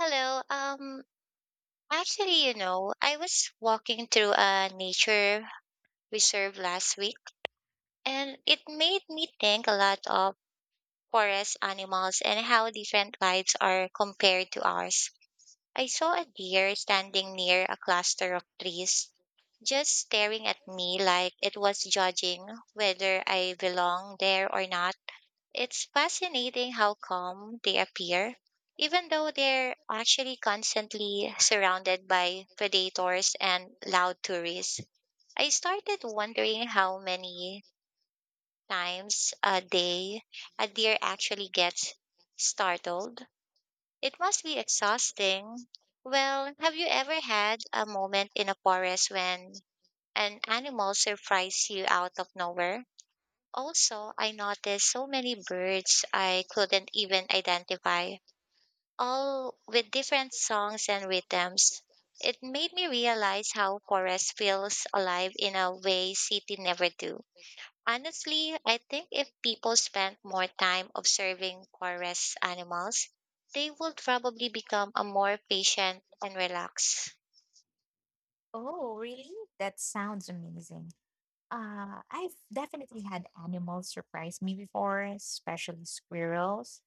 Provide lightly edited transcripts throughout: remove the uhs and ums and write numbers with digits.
Hello. Actually, I was walking through a nature reserve last week, and it made me think a lot of forest animals and how different lives are compared to ours. I saw a deer standing near a cluster of trees, just staring at me like it was judging whether I belong there or not. It's fascinating how calm they appear, even though they're actually constantly surrounded by predators and loud tourists. I started wondering how many times a day a deer actually gets startled. It must be exhausting. Well, have you ever had a moment in a forest when an animal surprised you out of nowhere? Also, I noticed so many birds I couldn't even identify, all with different songs and rhythms. It made me realize how forest feels alive in a way city never do. Honestly, I think if people spent more time observing forest animals, they would probably become a more patient and relaxed. Oh, really? That sounds amazing. I've definitely had animals surprise me before, especially squirrels,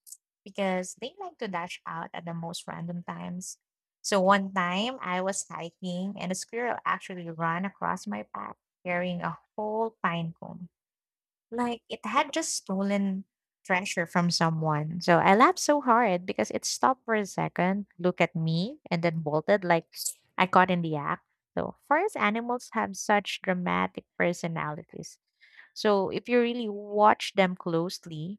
because they like to dash out at the most random times. So one time I was hiking and a squirrel actually ran across my path carrying a whole pine cone like it had just stolen treasure from someone. So I laughed so hard because it stopped for a second, looked at me, and then bolted like I caught in the act. So forest animals have such dramatic personalities. So if you really watch them closely,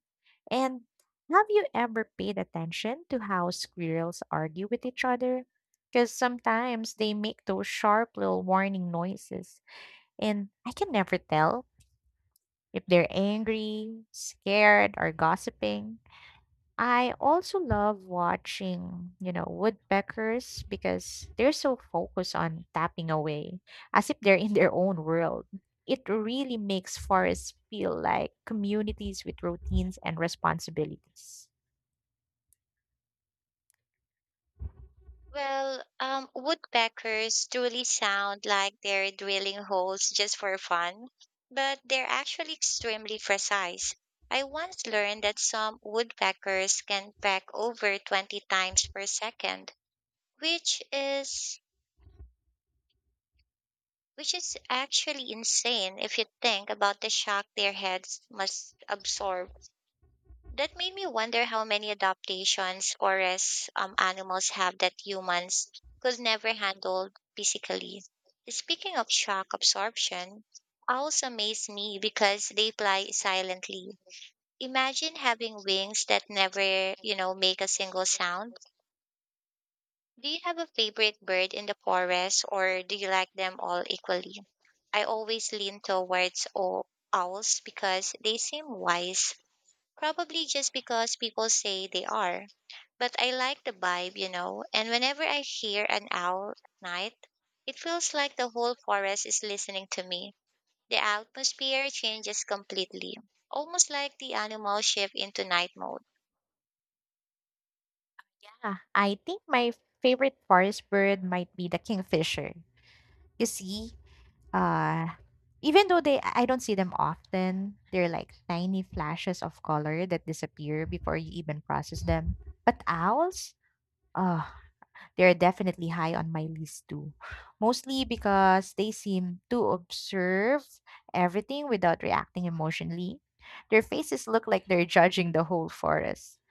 and have you ever paid attention to how squirrels argue with each other? Because sometimes they make those sharp little warning noises, and I can never tell if they're angry, scared, or gossiping. I also love one Wantai as its own world. It really feel like communities with routines and responsibilities. Woodpeckers truly sound like they're drilling holes just for fun, but they're actually extremely precise. I once learned that some woodpeckers can peck over 20 times per second, which is which is actually insane if you think about the shock their heads must absorb. That made me wonder how many adaptations forest animals have that humans could never handle physically. Speaking of shock absorption, owls amaze me because they fly silently. Imagine having wings that never, you know, make a single sound. Do you have a favorite bird in the forest, or do you like them all equally? I always lean towards owls because they seem wise. Probably just because people say they are. But I like the vibe, you know, and whenever I hear an owl at night, it feels like the whole forest is listening to me. The atmosphere changes completely, almost like the animals shift into night mode. Ah, I think my favorite forest bird might be the kingfisher. You see, uh, even though they I don't see them often, they're like tiny flashes of color that disappear before you even process them. But owls, oh, they're definitely high on my list too, mostly because they seem to observe everything without reacting emotionally. Their faces look like they're judging the whole forest.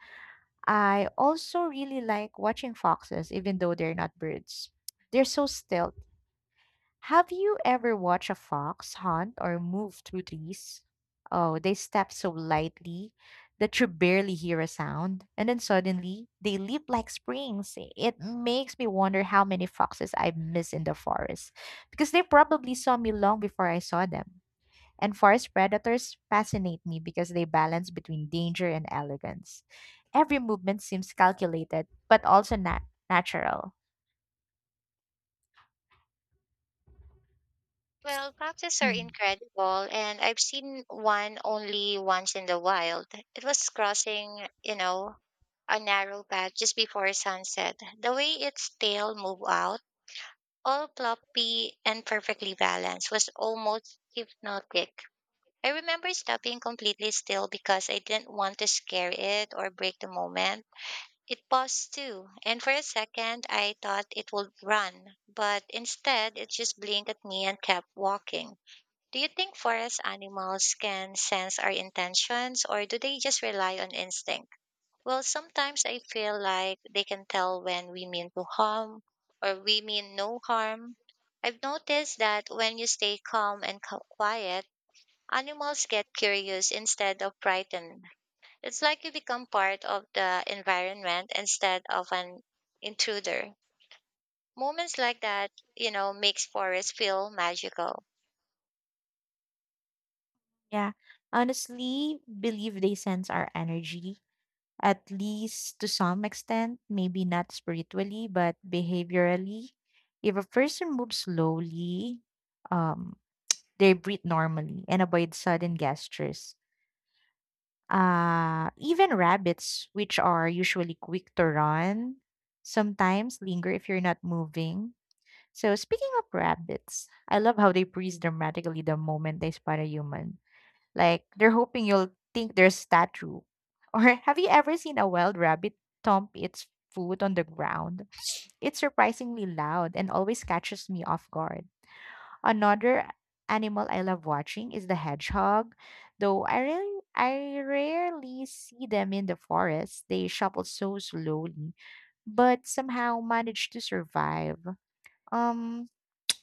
I also really like watching foxes, even though they're not birds. They're so still, have you ever watched a fox hunt or move through trees? Oh, they step so lightly that you barely hear a sound, and then suddenly they leap like springs. It makes me wonder how many foxes I miss in the forest because they probably saw me long before I saw them. And forest predators fascinate me because they balance between danger and elegance. Every movement seems calculated, but also natural. Well, foxes are incredible, and I've seen one only once in the wild. It was crossing, you know, a narrow path just before sunset. The way its tail moved out, all ploppy and perfectly balanced, was almost hypnotic. I remember stopping completely still because I didn't want to scare it or break the moment. It paused too, and for a second I thought it would run, but instead it just blinked at me and kept walking. Do you think forest animals can sense our intentions, or do they just rely on instinct? Well, sometimes I feel like they can tell when we mean to harm or we mean no harm. I've noticed that when you stay calm and quiet, animals get curious instead of frightened. It's like you become part of the environment instead of an intruder. Moments like that, you know, makes forests feel magical. Yeah, honestly believe they sense our energy at least to some extent, maybe not spiritually, but behaviorally. If a person moves slowly, um, they breathe normally and avoid sudden gestures. Even rabbits, which are usually quick to run, sometimes linger if you're not moving. So, speaking of rabbits, I love how they freeze dramatically the moment they spot a human like they're hoping you'll think they're statue. Or have you ever seen a wild rabbit thump its foot on the ground? It's surprisingly loud and always catches me off guard. Another animal I love watching is the hedgehog, though I rarely see them in the forest. They shuffle so slowly, but somehow manage to survive. Um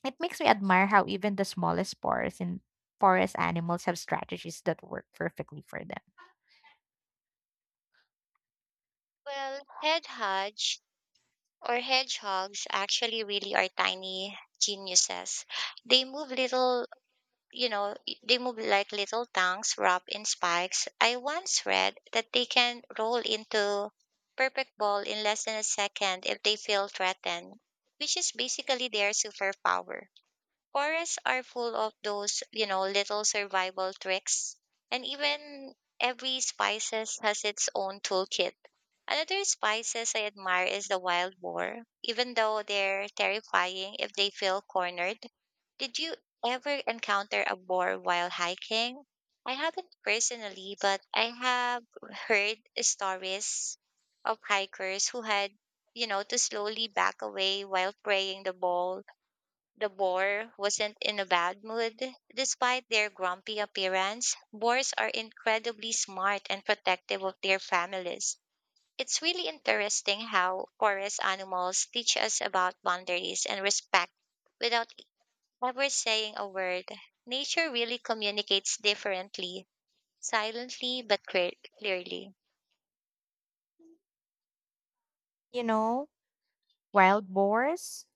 it makes me admire how even the smallest forest and forest animals have strategies that work perfectly for them. Well, head hedge or hedgehogs actually really are tiny geniuses. They move little, they move like little tongues wrapped in spikes. I once read that they can roll into perfect ball in less than a second if they feel threatened, which is basically their superpower. Forests are full of those, you know, little survival tricks. And even every spices has its own toolkit. Another spices I admire is the wild boar, even though they're terrifying if they feel cornered. Did you ever encounter a boar while hiking? I haven't personally, but I have heard stories of hikers who had, you know, to slowly back away while praying the ball. The boar wasn't in a bad mood. Despite their grumpy appearance, boars are incredibly smart and protective of their families. It's really interesting how forest animals teach us about boundaries and respect without ever saying a word. Nature really communicates differently, silently but clearly. You know, wild boars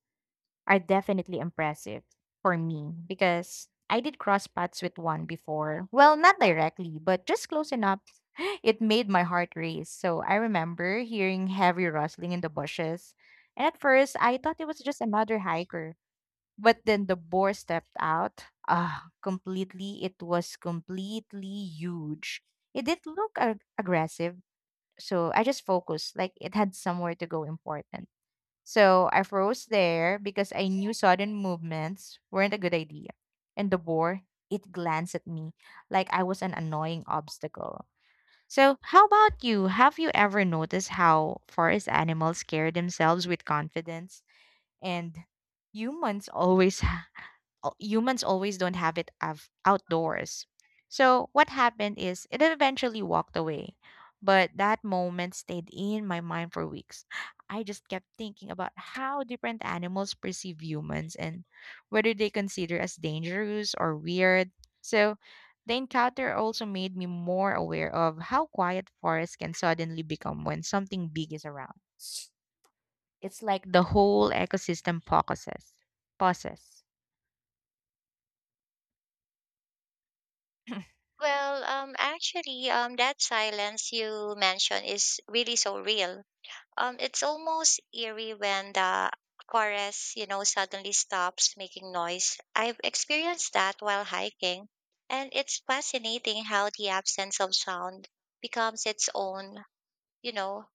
are definitely impressive for me because I did cross paths with one before. Well, not directly, but just close enough. It made my heart race. So I remember hearing heavy rustling in the bushes. And at first, I thought it was just another hiker. But then the boar stepped out. Ah, completely. It was completely huge. It did look aggressive. So I just focused, like it had somewhere to go important. So I froze there because I knew sudden movements weren't a good idea. And the boar, it glanced at me like I was an annoying obstacle. So, how about you? Have you ever noticed how forest animals carry themselves with confidence and humans always humans always don't have it outdoors. So what happened is it eventually walked away, but that moment stayed in my mind for weeks. I just kept thinking about how different animals perceive humans and whether they consider us dangerous or weird. So the encounter also made me more aware of how quiet forests can suddenly become when something big is around. It's like the whole ecosystem focuses. Pauses. That silence you mentioned is really so real. It's almost eerie when the forest, you know, suddenly stops making noise. I've experienced that while hiking, and it's fascinating how the absence of sound becomes its own, you know,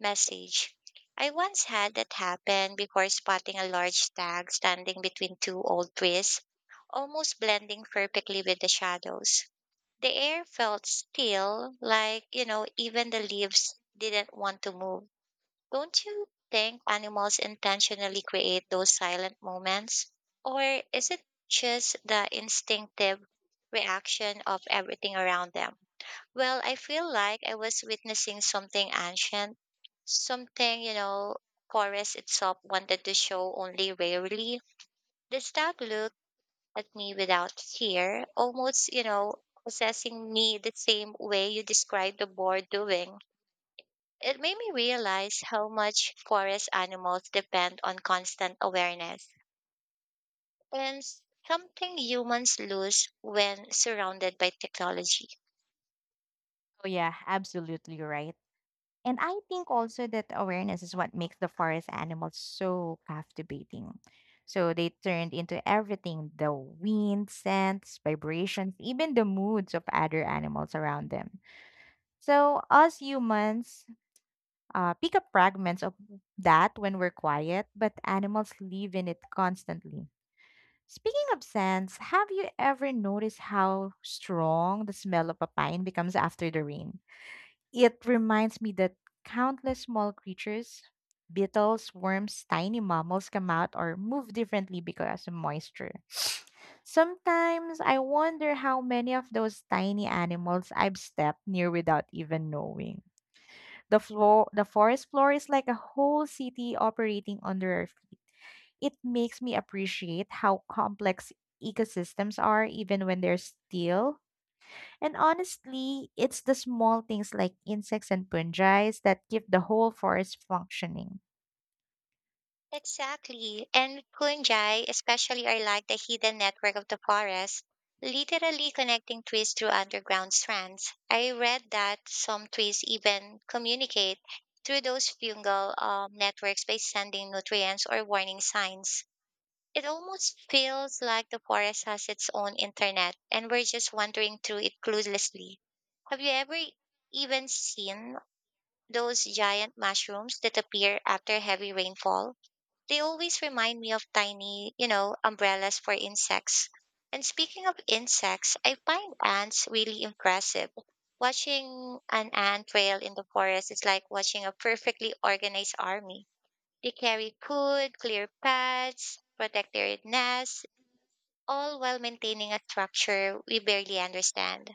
message. I once had that happen before spotting a large stag standing between two old trees, almost blending perfectly with the shadows. The air felt still, like, you know, even the leaves didn't want to move. Don't you think animals intentionally create those silent moments? Or is it just the instinctive reaction of everything around them? Well, I feel like I was witnessing something ancient, something, you know, forest itself wanted to show only rarely. The stag looked at me without fear, almost, you know, assessing me the same way you described the boar doing. It made me realize how much forest animals depend on constant awareness and something humans lose when surrounded by technology. Oh, yeah, absolutely right. And I think also that awareness is what makes the forest animals so captivating. So they turned into everything the wind, scents, vibrations, even the moods of other animals around them. So, us humans pick up fragments of that when we're quiet, but animals live in it constantly. Speaking of scents, have you ever noticed how strong the smell of a pine becomes after the rain? It reminds me that countless small creatures, beetles, worms, tiny mammals come out or move differently because of moisture. Sometimes I wonder how many of those tiny animals I've stepped near without even knowing. The floor, the forest floor is like a whole city operating under our feet. It makes me appreciate how complex ecosystems are even when they're still, and honestly, it's the small things like insects and fungi that keep the whole forest functioning. Exactly. And fungi, especially, are like the hidden network of the forest, literally connecting trees through underground strands. I read that some trees even communicate through those fungal networks by sending nutrients or warning signs. It almost feels like the forest has its own internet and we're just wandering through it cluelessly. Have you ever even seen those giant mushrooms that appear after heavy rainfall? They always remind me of tiny, you know, umbrellas for insects. And speaking of insects, I find ants really impressive. Watching an ant trail in the forest is like watching a perfectly organized army. They carry food, clear paths, protect their nests, all while maintaining a structure we barely understand.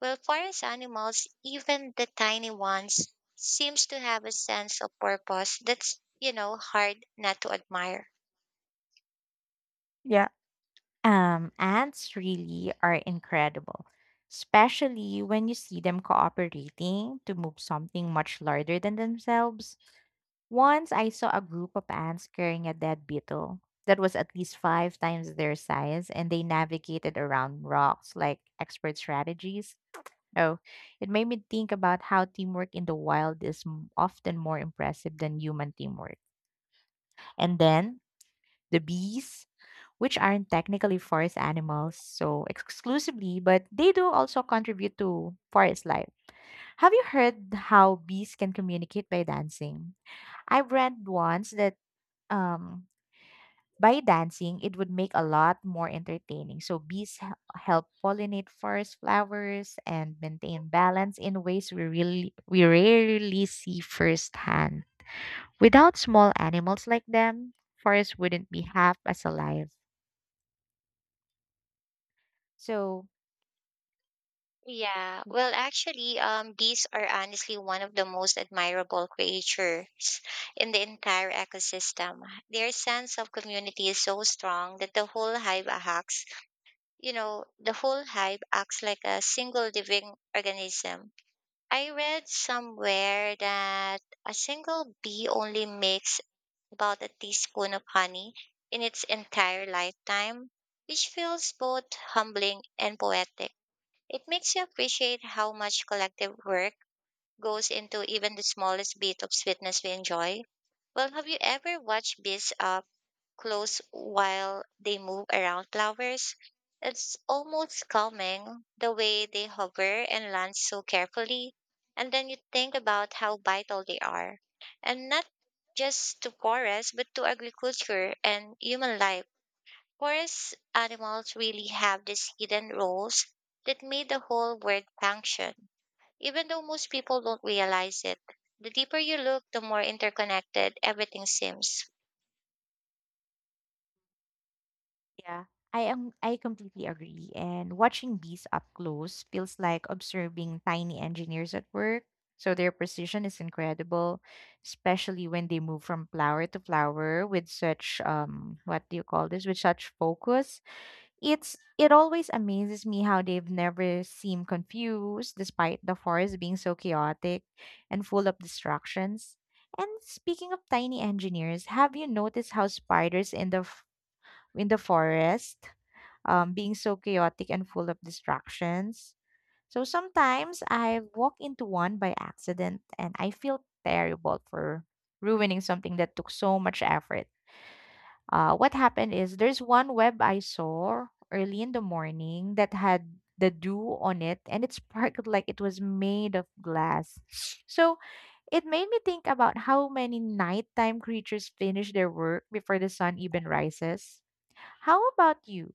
Well, forest animals, even the tiny ones, seems to have a sense of purpose that's, you know, hard not to admire. Yeah. Ants really are incredible, especially when you see them cooperating to move something much larger than themselves. Once I saw a group of ants carrying a dead beetle that was at least five times their size, and they navigated around rocks like expert strategies. Oh, it made me think about how teamwork in the wild is often more impressive than human teamwork. And then the bees, which aren't technically forest animals, so exclusively, but they do also contribute to forest life. Have you heard how bees can communicate by dancing? I've read once that um by dancing, it would make a lot more entertaining. So bees help pollinate forest flowers and maintain balance in ways we rarely see firsthand. Without small animals like them, forests wouldn't be half as alive. So Yeah, bees are honestly one of the most admirable creatures in the entire ecosystem. Their sense of community is so strong that the whole hive acts, you know, the whole hive acts like a single living organism. I read somewhere that a single bee only makes about a teaspoon of honey in its entire lifetime, which feels both humbling and poetic. It makes you appreciate how much collective work goes into even the smallest bit of sweetness we enjoy. Well, have you ever watched bees close while they move around flowers? It's almost calming the way they hover and land so carefully. And then you think about how vital they are. And not just to forests, but to agriculture and human life. Forest animals really have these hidden roles that made the whole world function. Even though most people don't realize it, the deeper you look, the more interconnected everything seems. yeah, I completely agree. And watching bees up close feels like observing tiny engineers at work. So their precision is incredible, especially when they move from flower to flower with such what do you call this? With such focus. It always amazes me how they've never seemed confused despite the forest being so chaotic and full of distractions. And speaking of tiny engineers, have you noticed how spiders in in the forest being so chaotic and full of distractions. So sometimes I walk into one by accident and I feel terrible for ruining something that took so much effort. What happened is there's one web I saw early in the morning that had the dew on it and it sparkled like it was made of glass. So it made me think about how many nighttime creatures finish their work before the sun even rises. How about you?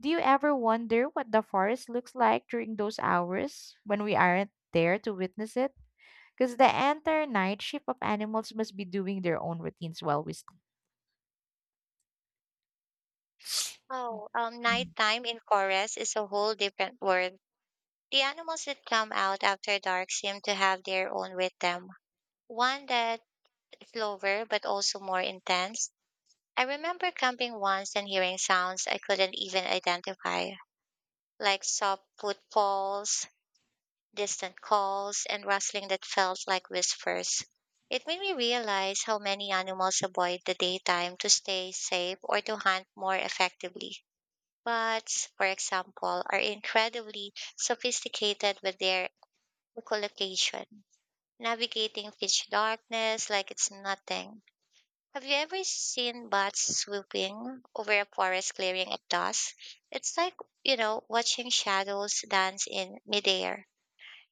Do you ever wonder what the forest looks like during those hours when we aren't there to witness it? Because the entire night shift of animals must be doing their own routines while we sleep. Oh, Mhm. Nighttime in forest is a whole different world. The animals that come out after dark seem to have their own rhythm, one that is slower but also more intense. I remember camping once and hearing sounds I couldn't even identify, like soft footfalls, distant calls, and rustling that felt like whispers. It made me realize how many animals avoid the daytime to stay safe or to hunt more effectively. Bots, for example, are incredibly sophisticated with their echolocation, navigating pitch darkness like it's nothing. Have you ever seen bots swooping over a forest clearing at dusk? It's like, you know, watching shadows dance in midair.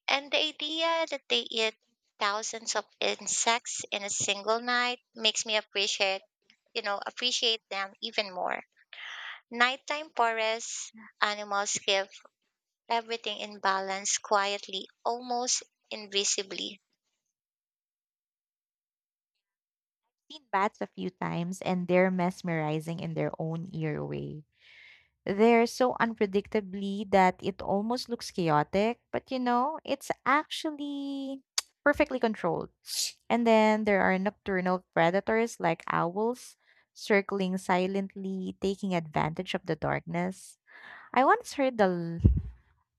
And the idea that they eat thousands of insects in a single night makes me appreciate them even more. Nighttime forest animals give everything in balance quietly, almost invisibly. Seen bats a few times, and they're mesmerizing in their own eerie way. They're so unpredictably that it almost looks chaotic, but you know, it's actually perfectly controlled. And then there are nocturnal predators like owls circling silently, taking advantage of the darkness. I once heard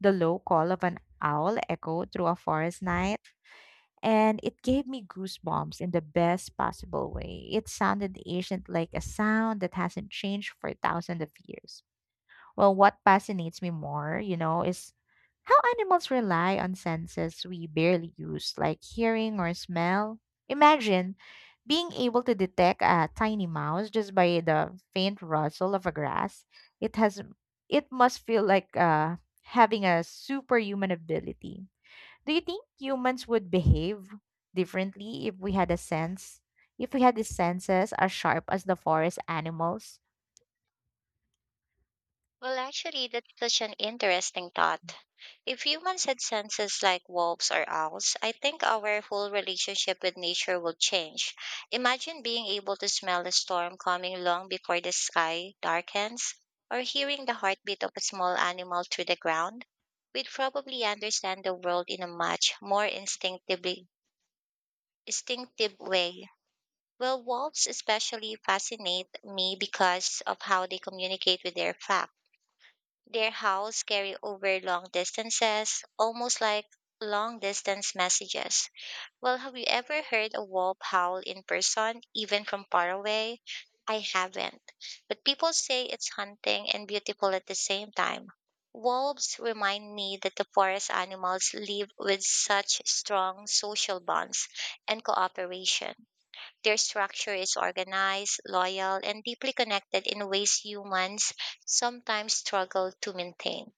the low call of an owl echo through a forest night, and it gave me goosebumps in the best possible way. It sounded ancient like a sound that hasn't changed for thousands of years. Well, what fascinates me more, you know, is how animals rely on senses we barely use, like hearing or smell. Imagine being able to detect a tiny mouse just by the faint rustle of a grass. It has it must feel like having a superhuman ability. Do you think humans would behave differently if we had a sense, if we had the senses as sharp as the forest animals? Well, actually, that's such an interesting thought. If humans had senses like wolves or owls, I think our whole relationship with nature would change. Imagine being able to smell a storm coming long before the sky darkens, or hearing the heartbeat of a small animal through the ground. We'd probably understand the world in a much more instinctive way. Well, wolves especially fascinate me because of how they communicate with their pack. Their howls carry over long distances, almost like long distance messages. Well, have you ever heard a wolf howl in person, even from far away? I haven't. But people say it's hunting and beautiful at the same time. Wolves remind me that the forest animals live with such strong social bonds and cooperation. Their structure is organized, loyal, and deeply connected in ways humans sometimes struggle to maintain.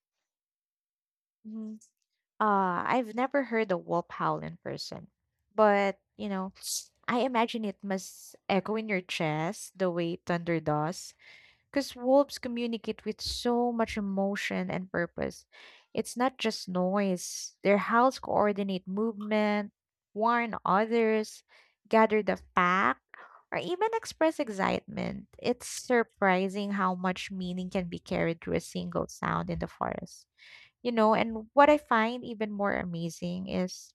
I've never heard a wolf howl in person, but you know, I imagine it must echo in your chest the way thunder does, because wolves communicate with so much emotion and purpose. It's not just noise, their howls coordinate movement, warn others, gather the pack, or even express excitement. It's surprising how much meaning can be carried through a single sound in the forest. You know, and what I find even more amazing is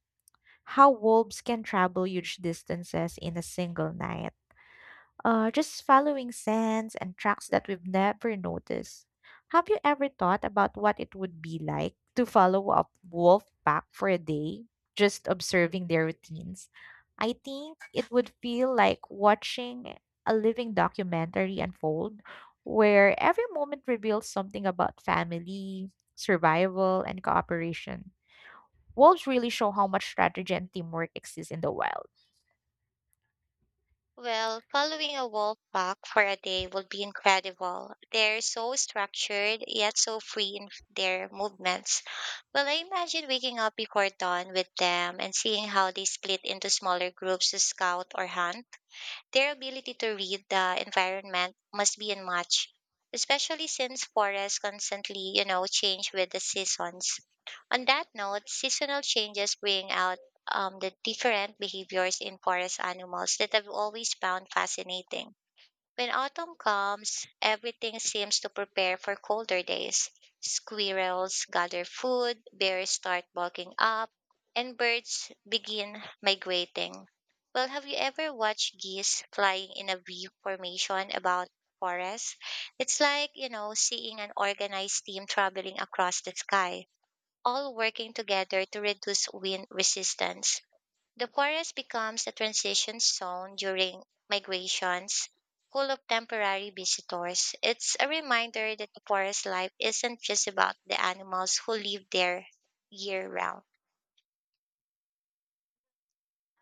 how wolves can travel huge distances in a single night just following scents and tracks that we've never noticed. Have you ever thought about what it would be like to follow a wolf pack for a day, just observing their routines? I think it would feel like watching a living documentary unfold where every moment reveals something about family, survival, and cooperation. Wolves really show how much strategy and teamwork exists in the wild. Well, following a wolf pack for a day would be incredible. They're so structured, yet so free in their movements. Well, I imagine waking up before dawn with them and seeing how they split into smaller groups to scout or hunt. Their ability to read the environment must be unmatched, especially since forests constantly, you know, change with the seasons. On that note, seasonal changes bring out the different behaviors in forest animals that I've always found fascinating. When autumn comes, everything seems to prepare for colder days. Squirrels gather food, bears start bulking up, and birds begin migrating. Well, have you ever watched geese flying in a V formation about forests? It's like, you know, seeing an organized team traveling across the sky, all working together to reduce wind resistance. The forest becomes a transition zone during migrations, full of temporary visitors. It's a reminder that the forest life isn't just about the animals who live there year round.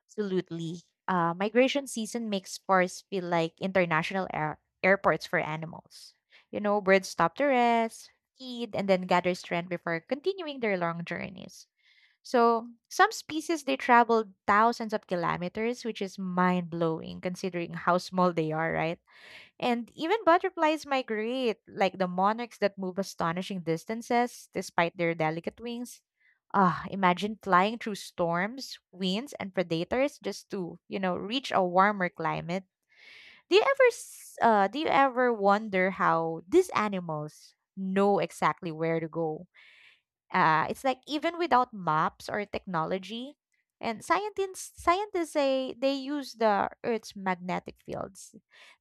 Absolutely. Migration season makes forests feel like airports for animals. You know, birds stop to rest, feed, and then gather strength before continuing their long journeys. So, some species they travel thousands of kilometers, which is mind blowing considering how small they are, right? And even butterflies migrate, like the monarchs that move astonishing distances despite their delicate wings. Ah, imagine flying through storms, winds, and predators just to, you know, reach a warmer climate. Do you ever wonder how these animals know exactly where to go? It's like even without maps or technology, and scientists say they use the Earth's magnetic fields,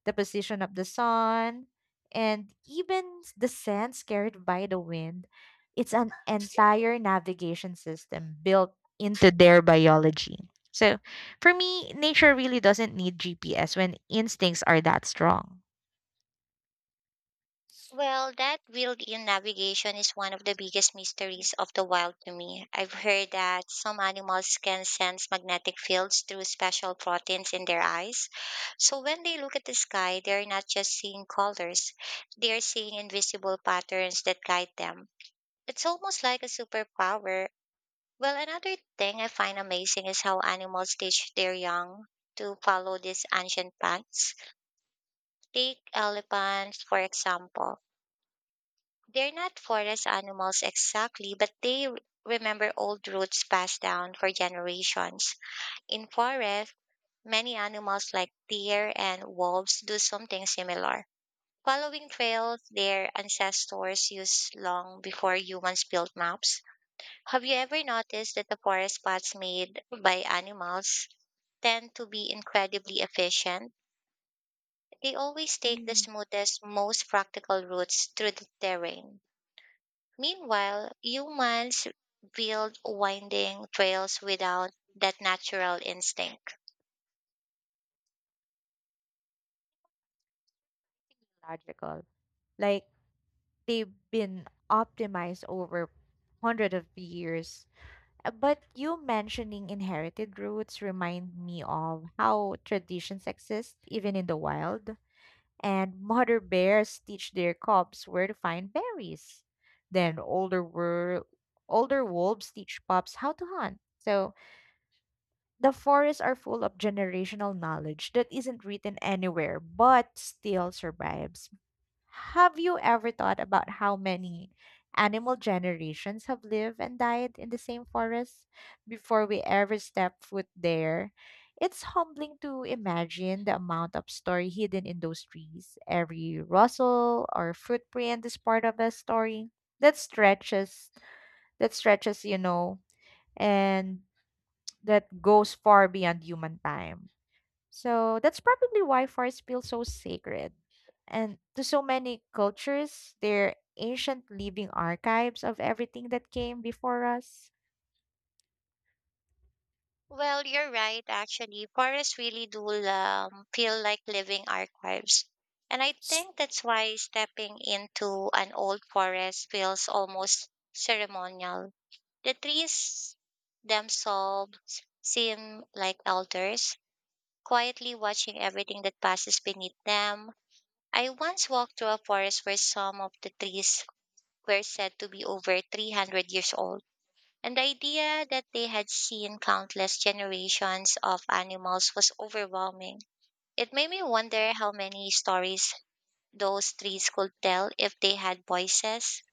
the position of the sun, and even the sands carried by the wind. It's an entire navigation system built into their biology. So for me, nature really doesn't need GPS when instincts are that strong. Well, that wild in navigation is one of the biggest mysteries of the wild to me. I've heard that some animals can sense magnetic fields through special proteins in their eyes. So when they look at the sky, they're not just seeing colors, they're seeing invisible patterns that guide them. It's almost like a superpower. Well, another thing I find amazing is how animals teach their young to follow these ancient paths. Take elephants, for example. They're not forest animals exactly, but they remember old routes passed down for generations. In forests, many animals like deer and wolves do something similar, following trails their ancestors used long before humans built maps. Have you ever noticed that the forest spots made by animals tend to be incredibly efficient? They always take the Mm. smoothest, most practical routes through the terrain. Meanwhile, humans build winding trails without that natural instinct. Logical. Like they've been optimized over hundreds of years. But you mentioning inherited roots remind me of how traditions exist even in the wild. And mother bears teach their cubs where to find berries. Then older wolves teach pups how to hunt. So the forests are full of generational knowledge that isn't written anywhere but still survives. Have you ever thought about how many animal generations have lived and died in the same forest before we ever step foot there? It's humbling to imagine the amount of story hidden in those trees. Every rustle or footprint is part of a story that stretches, that stretches, you know, and that goes far beyond human time. So that's probably why forests feel so sacred. And to so many cultures, they're ancient living archives of everything that came before us. Well, you're right, actually. Forests really do feel like living archives. And I think that's why stepping into an old forest feels almost ceremonial. The trees themselves seem like elders, quietly watching everything that passes beneath them. I once walked through a forest where some of the trees were said to be over 300 years old, and the idea that they had seen countless generations of animals was overwhelming. It made me wonder how many stories those trees could tell if they had voices.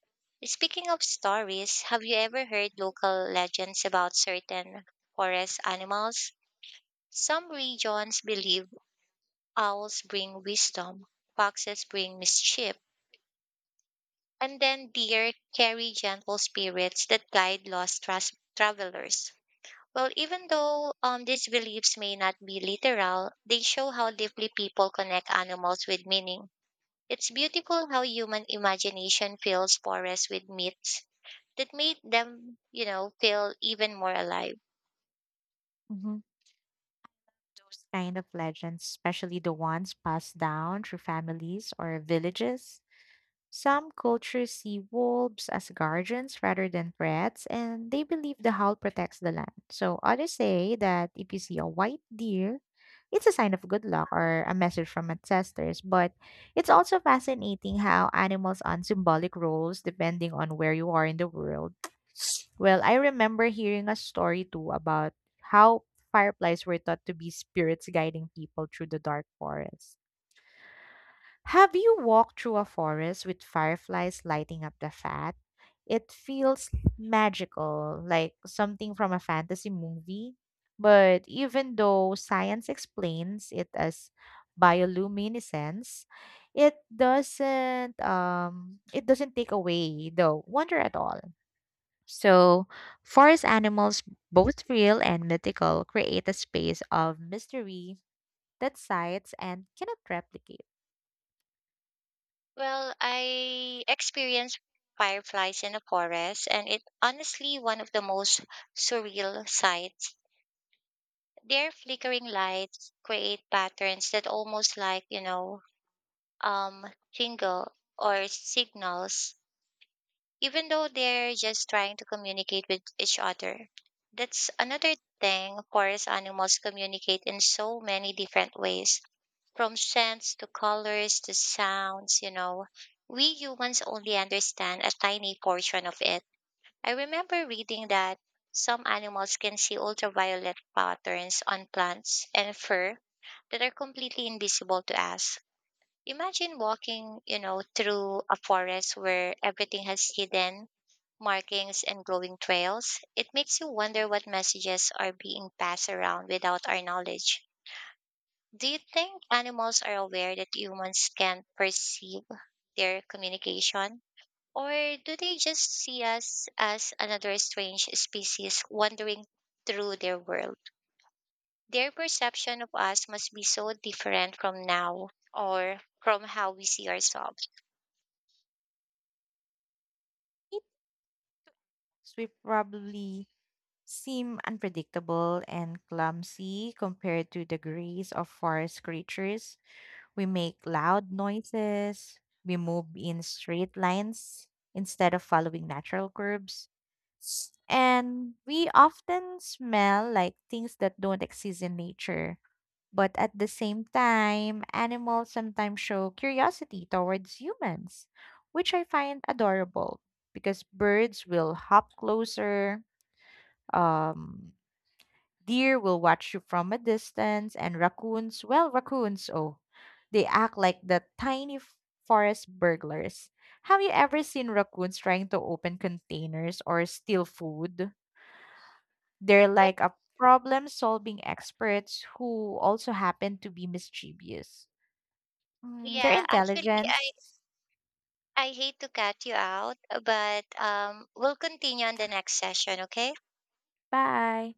Speaking of stories, have you ever heard local legends about certain forest animals? Some regions believe owls bring wisdom, foxes bring mischief, and then deer carry gentle spirits that guide lost travelers. Well, even though these beliefs may not be literal, they show how deeply people connect animals with meaning. It's beautiful how human imagination fills forests with myths that made them, you know, feel even more alive. Hmm. Those kind of legends, especially the ones passed down through families or villages, some cultures see wolves as guardians rather than threats, and they believe the howl protects the land. So others say that if you see a white deer, it's a sign of good luck or a message from ancestors. But it's also fascinating how animals on symbolic roles depending on where you are in the world. Well, I remember hearing a story too about how fireflies were thought to be spirits guiding people through the dark forest. Have you walked through a forest with fireflies lighting up the path? It feels magical, like something from a fantasy movie. But even though science explains it as bioluminescence, it doesn't take away the wonder at all. So, forest animals, both real and mythical, create a space of mystery that science and cannot replicate. Well, I experienced fireflies in a forest, and it honestly one of the most surreal sights. Their flickering lights create patterns that almost like, um, jingle or signals, even though they're just trying to communicate with each other. That's another thing, forest animals communicate in so many different ways, from scents to colors to sounds, you know. We humans only understand a tiny portion of it. I remember reading that some animals can see ultraviolet patterns on plants and fur that are completely invisible to us. Imagine walking, you know, through a forest where everything has hidden markings and glowing trails. It makes you wonder what messages are being passed around without our knowledge. Do you think animals are aware that humans can perceive their communication? Or do they just see us as another strange species wandering through their world? Their perception of us must be so different from now, or from how we see ourselves. So, we probably seem unpredictable and clumsy compared to the grace of forest creatures. We make loud noises, we move in straight lines instead of following natural curves, and we often smell like things that don't exist in nature. But at the same time, animals sometimes show curiosity towards humans, which I find adorable because birds will hop closer, um, deer will watch you from a distance, and raccoons, well, raccoons, oh, they act like forest burglars. Have you ever seen raccoons trying to open containers or steal food? They're Well, like a problem solving experts who also happen to be mischievous. Mm, their yeah, actually, I, intelligence. I hate to cut you out, but we'll continue on the next session, okay? Bye.